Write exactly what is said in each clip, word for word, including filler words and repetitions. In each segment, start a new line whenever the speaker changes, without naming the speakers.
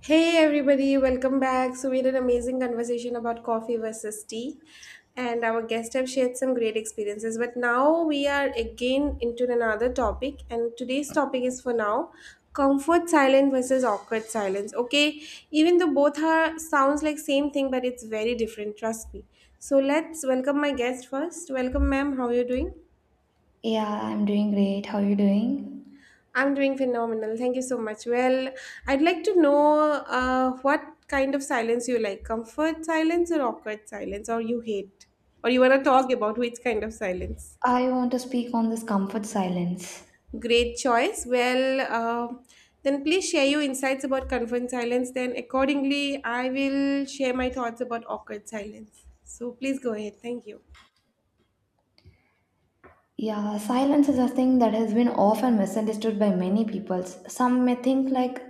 Hey everybody, welcome back. So we had an amazing conversation about coffee versus tea, and our guests have shared some great experiences. But now we are again into another topic, and today's topic is for now comfort silence versus awkward silence. Okay, even though both are sounds like same thing, but it's very different. Trust me. So let's welcome my guest first. Welcome, ma'am. How are you doing?
Yeah, I'm doing great. How are you doing?
I'm doing phenomenal. Thank you so much. Well, I'd like to know uh, what kind of silence you like comfort silence or awkward silence, or you hate, or you want to talk about which kind of silence.
I want to speak on this comfort silence.
Great choice. Well, uh, then please share your insights about comfort silence. Then, accordingly, I will share my thoughts about awkward silence. So, please go ahead. Thank you.
Yeah, silence is a thing that has been often misunderstood by many people. Some may think like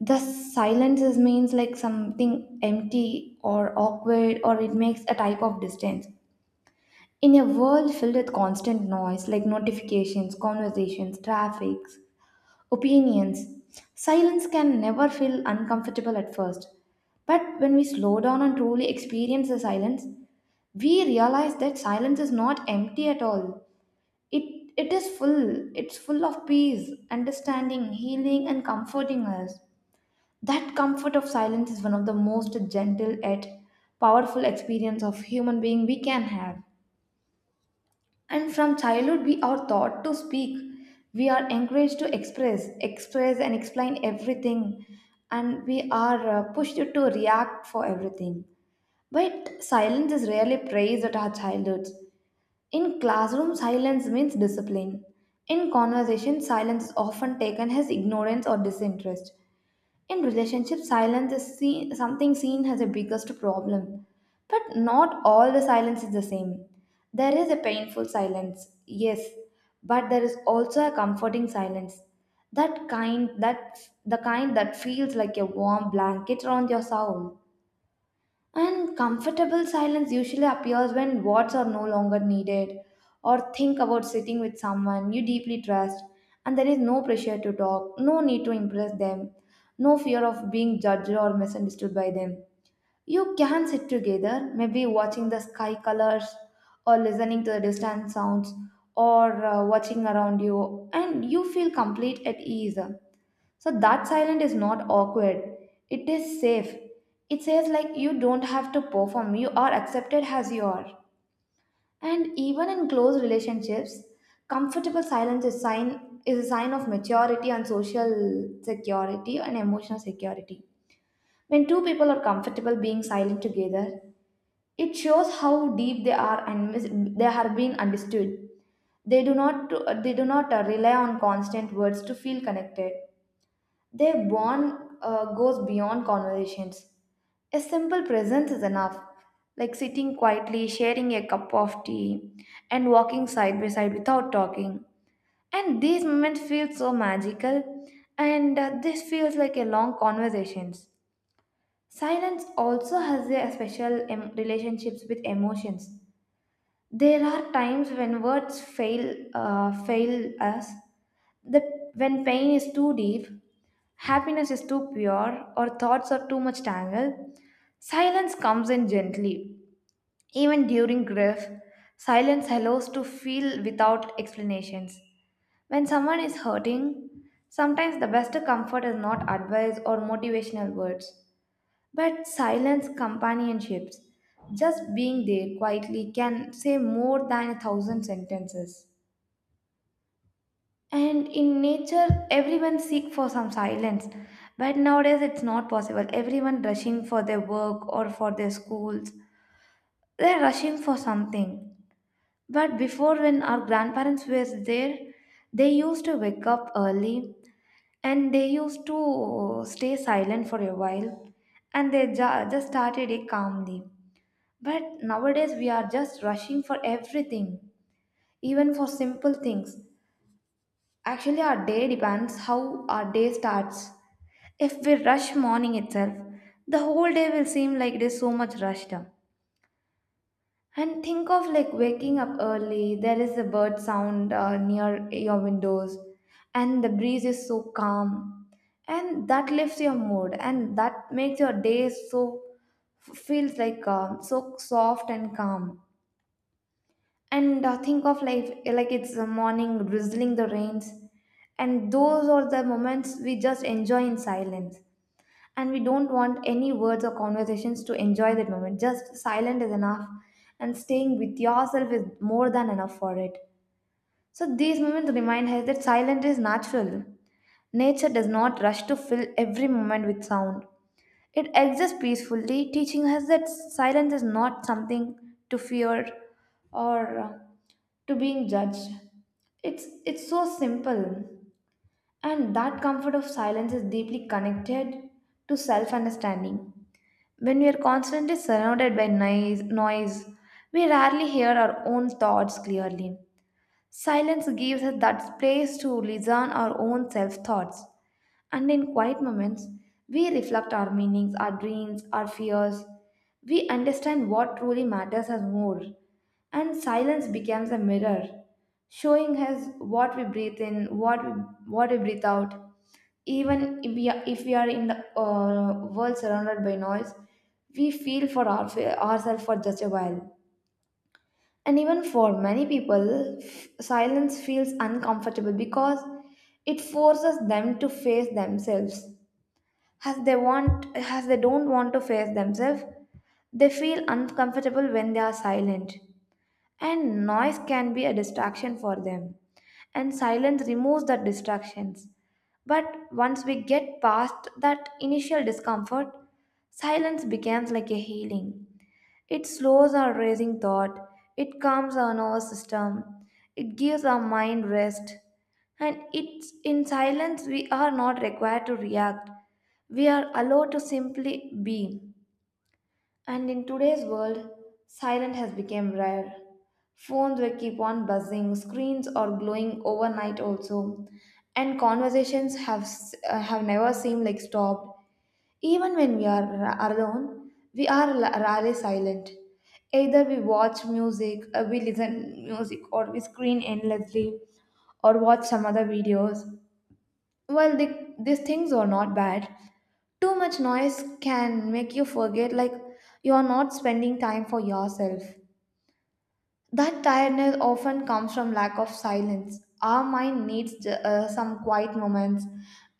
the silence is means like something empty or awkward or it makes a type of distance. In a world filled with constant noise like notifications, conversations, traffic, opinions. Silence can never feel uncomfortable at first. But when we slow down and truly experience the silence, we realize that silence is not empty at all. It, it is full. It's full of peace, understanding, healing, and comforting us. That comfort of silence is one of the most gentle yet powerful experience of human being we can have. And from childhood, we are taught to speak. We are encouraged to express, express, and explain everything. And we are uh, pushed to react for everything. But silence is rarely praised at our childhoods. In classroom, silence means discipline. In conversation, silence is often taken as ignorance or disinterest. In relationships, silence is seen, something seen as the biggest problem. But not all the silence is the same. There is a painful silence, yes, but there is also a comforting silence. That kind that the kind that feels like a warm blanket around your soul. And comfortable silence usually appears when words are no longer needed, or think about sitting with someone you deeply trust, and there is no pressure to talk, no need to impress them, no fear of being judged or misunderstood by them. You can sit together, maybe watching the sky colors, or listening to the distant sounds, or uh, watching around you, and you feel complete at ease. So that silence is not awkward. It is safe. It says like you don't have to perform, you are accepted as you are. And even in close relationships, comfortable silence is sign is a sign of maturity and social security and emotional security. When two people are comfortable being silent together, it shows how deep they are and mis- they are being understood. They do not they do not uh, rely on constant words to feel connected. Their bond uh, goes beyond conversations. A simple presence is enough, like sitting quietly, sharing a cup of tea, and walking side by side without talking. And these moments feel so magical, and uh, this feels like a long conversations. Silence also has a special em- relationships with emotions. There are times when words fail, uh, fail us. The When pain is too deep, happiness is too pure, or thoughts are too much tangled. Silence comes in gently. Even during grief, silence allows to feel without explanations. When someone is hurting, sometimes the best comfort is not advice or motivational words, but silence companionships. Just being there quietly can say more than a thousand sentences. And in nature, everyone seek for some silence. But nowadays, it's not possible. Everyone rushing for their work or for their schools. They're rushing for something. But before, when our grandparents were there, they used to wake up early and they used to stay silent for a while and they ju- just started it calmly. But nowadays, we are just rushing for everything, even for simple things. Actually, our day depends how our day starts. If we rush morning itself, the whole day will seem like it is so much rushed up. And think of like waking up early, there is a bird sound uh, near your windows, and the breeze is so calm, and that lifts your mood, and that makes your day so feels like uh, so soft and calm and uh, think of life like it's a morning drizzling the rains, and those are the moments we just enjoy in silence, and we don't want any words or conversations to enjoy that moment, just silent is enough, and staying with yourself is more than enough for it. So these moments remind us that silence is natural. Nature does not rush to fill every moment with sound. It exists peacefully, teaching us that silence is not something to fear or uh, to being judged. It's it's so simple. And that comfort of silence is deeply connected to self-understanding. When we are constantly surrounded by noise, noise, we rarely hear our own thoughts clearly. Silence gives us that space to listen our own self-thoughts. And in quiet moments, we reflect our meanings, our dreams, our fears. We understand what truly matters us more. And silence becomes a mirror, showing us what we breathe in, what we, what we breathe out. Even if we are, if we are in the uh, world surrounded by noise, we feel for our, ourselves for just a while. And even for many people, f- silence feels uncomfortable because it forces them to face themselves, as they want as they don't want to face themselves. They feel uncomfortable when they are silent, and noise can be a distraction for them, and silence removes the distractions. But once we get past that initial discomfort, silence becomes like a healing. It slows our racing thought, it calms our nervous system, it gives our mind rest, and it's in silence we are not required to react. We are allowed to simply be. And in today's world, silence has become rare. Phones will keep on buzzing, screens are glowing overnight also, and conversations have s- uh, have never seemed like stopped. Even when we are ra- alone, we are la- rarely silent. Either we watch music, uh, we listen music, or we screen endlessly, or watch some other videos. While the, these things are not bad, too much noise can make you forget like you are not spending time for yourself. That tiredness often comes from lack of silence. Our mind needs uh, some quiet moments,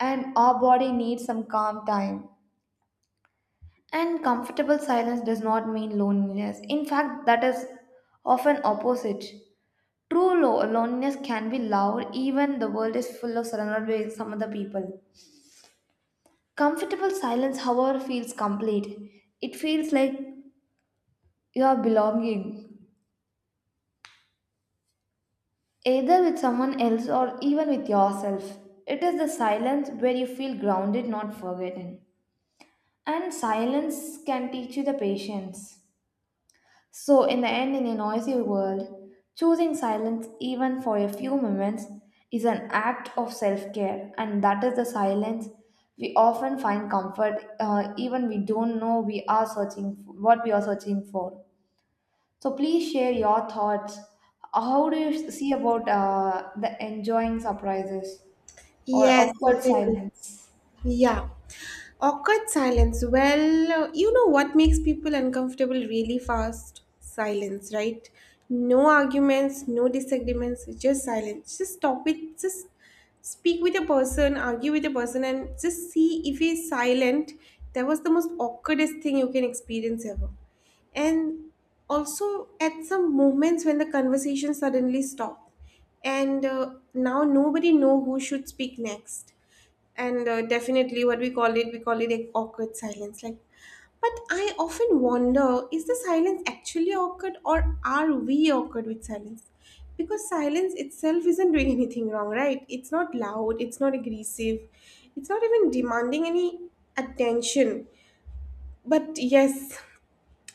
and our body needs some calm time. And comfortable silence does not mean loneliness. In fact, that is often opposite. True lo- loneliness can be loud, even the world is full of surrounded by some other people. Comfortable silence, however, feels complete. It feels like you are belonging, either with someone else or even with yourself. It is the silence where you feel grounded, not forgotten. And silence can teach you the patience. So, in the end, in a noisy world, choosing silence even for a few moments is an act of self care, and that is the silence we often find comfort, uh, even we don't know we are searching what we are searching for. So, please share your thoughts. How do you see about uh, the enjoying surprises or
Yes,
awkward
certainly.
silence?
Yeah. Awkward silence. Well, you know what makes people uncomfortable really fast? Silence, right? No arguments, no disagreements, just silence. Just stop it. Just speak with a person, argue with a person, and just see if he's silent. That was the most awkwardest thing you can experience ever. And also, at some moments when the conversation suddenly stopped, and uh, now nobody know who should speak next, and uh, definitely what we call it, we call it like awkward silence. Like, but I often wonder, is the silence actually awkward or are we awkward with silence? Because silence itself isn't doing anything wrong, right? It's not loud, it's not aggressive, it's not even demanding any attention. But yes,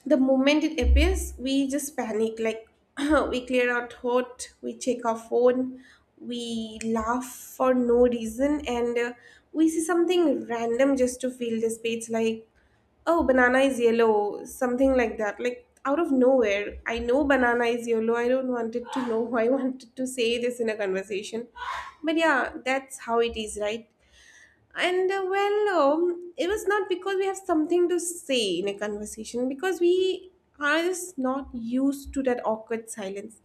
the moment it appears we just panic. Like we clear our throat, we check our phone, we laugh for no reason, and uh, we see something random just to fill the space, like, oh, banana is yellow, something like that. Like out of nowhere I know banana is yellow, I don't wanted to know. I wanted to say this in a conversation, but yeah, that's how it is, right? And uh, well, um, it was not because we have something to say in a conversation, because we are just not used to that awkward silence.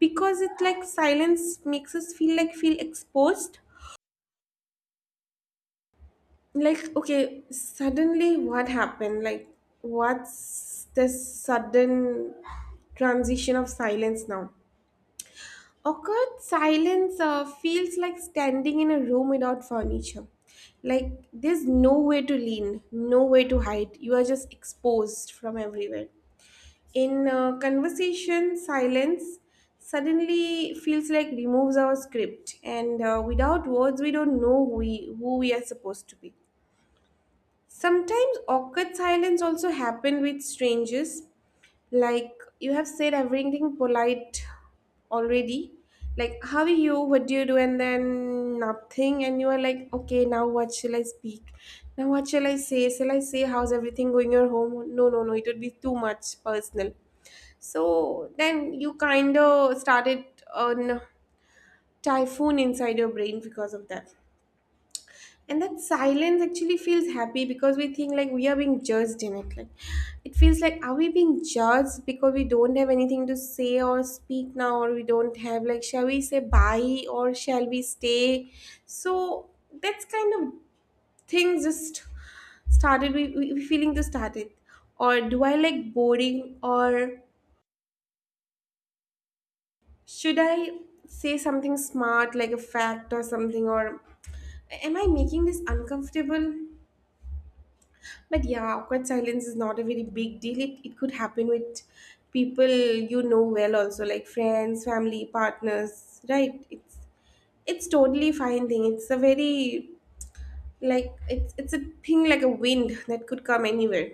Because it, like silence makes us feel like, feel exposed. Like, okay, suddenly what happened? Like, what's this sudden transition of silence now? Awkward silence uh, feels like standing in a room without furniture. Like there's nowhere to lean, nowhere to hide. You are just exposed from everywhere. In uh, conversation, silence suddenly feels like removes our script, and uh, without words, we don't know who we, who we are supposed to be. Sometimes awkward silence also happen with strangers, like you have said everything polite already. Like, how are you? What do you do? And then nothing. And you are like, okay, now what shall I speak? Now what shall I say? Shall I say how's everything going your home? No, no, no. It would be too much personal. So then you kind of started on typhoon inside your brain because of that, and that silence actually feels happy because we think like we are being judged in it. Like, it feels like, are we being judged because we don't have anything to say or speak now, or we don't have, like shall we say bye or shall we stay? So that's kind of things just started. We, we we feeling to started, or do I like boring, or should I say something smart like a fact or something, or am I making this uncomfortable? But yeah, awkward silence is not a very big deal. It, it could happen with people you know well also, like friends, family, partners, right? It's it's totally fine thing. It's a very, like it's it's a thing like a wind that could come anywhere.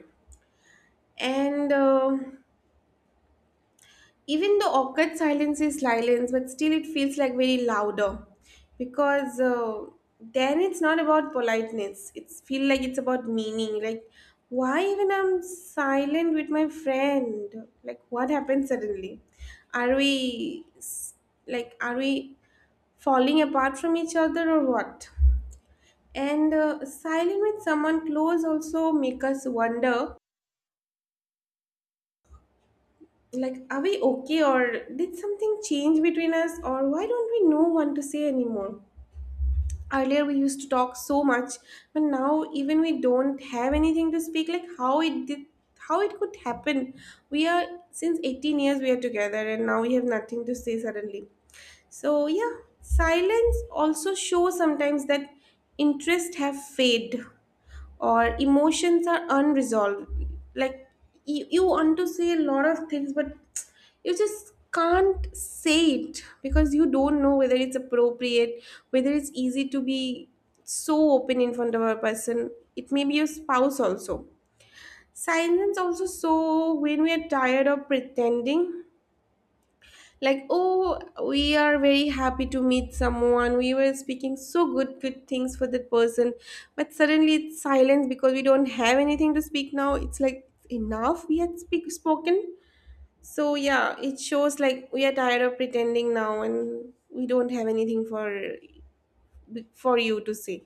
And um even the awkward silence is silence, but still it feels like very louder, because uh, then it's not about politeness, it's feel like it's about meaning. Like, why even I'm silent with my friend? Like what happened suddenly? are we s- like are we falling apart from each other or what? And uh, silent with someone close also make us wonder, like are we okay, or did something change between us, or why don't we know what to say anymore? Earlier we used to talk so much, but now even we don't have anything to speak. Like how it did, how it could happen? We are since eighteen years we are together, and now we have nothing to say suddenly. So yeah, silence also shows sometimes that interest have fade or emotions are unresolved. Like you, you want to say a lot of things, but you just can't say it because you don't know whether it's appropriate, whether it's easy to be so open in front of a person. It may be your spouse also. Silence also so when we are tired of pretending. Like, oh, we are very happy to meet someone, we were speaking so good good things for that person, but suddenly it's silence because we don't have anything to speak now. It's like enough, we had speak spoken. So yeah, it shows like we are tired of pretending now, and we don't have anything for for you to say.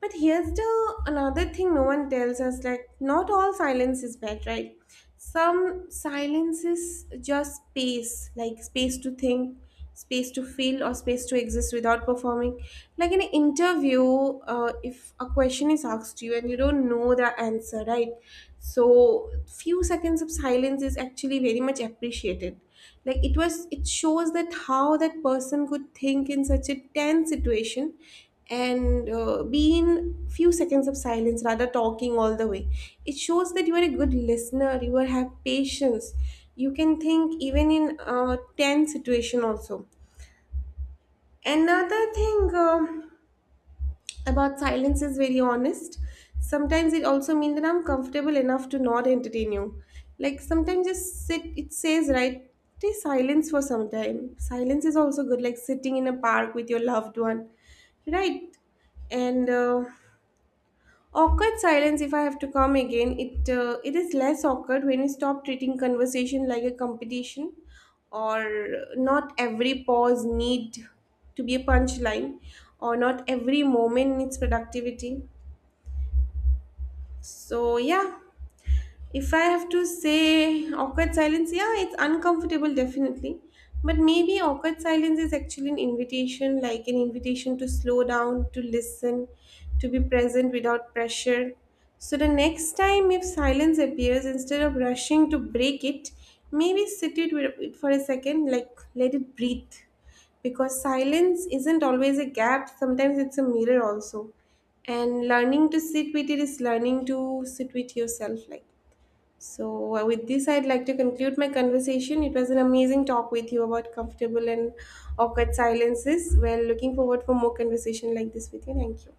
But here's the another thing, no one tells us, like not all silence is bad, right? Some silence is just space, like space to think, space to feel, or space to exist without performing. Like in an interview, uh, if a question is asked you and you don't know the answer, right? So few seconds of silence is actually very much appreciated. Like it was, it shows that how that person could think in such a tense situation, and uh, be in few seconds of silence rather talking all the way. It shows that you are a good listener, you are have patience, you can think even in a tense situation also. Another thing, um, about silence is very honest. Sometimes it also means that I'm comfortable enough to not entertain you. Like sometimes just sit, it says, right? Stay silence for some time. Silence is also good, like sitting in a park with your loved one, right? and uh, Awkward silence, if I have to come again, it uh, it is less awkward when we stop treating conversation like a competition, or not every pause need to be a punchline, or not every moment needs productivity. So yeah, if I have to say awkward silence, yeah, it's uncomfortable, definitely. But maybe awkward silence is actually an invitation, like an invitation to slow down, to listen, to be present without pressure. So the next time, if silence appears, instead of rushing to break it, maybe sit it with it for a second, like let it breathe. Because silence isn't always a gap, sometimes it's a mirror also. And learning to sit with it is learning to sit with yourself, like. So, uh, with this, I'd like to conclude my conversation. It was an amazing talk with you about comfortable and awkward silences. Well, looking forward for more conversation like this with you. Thank you.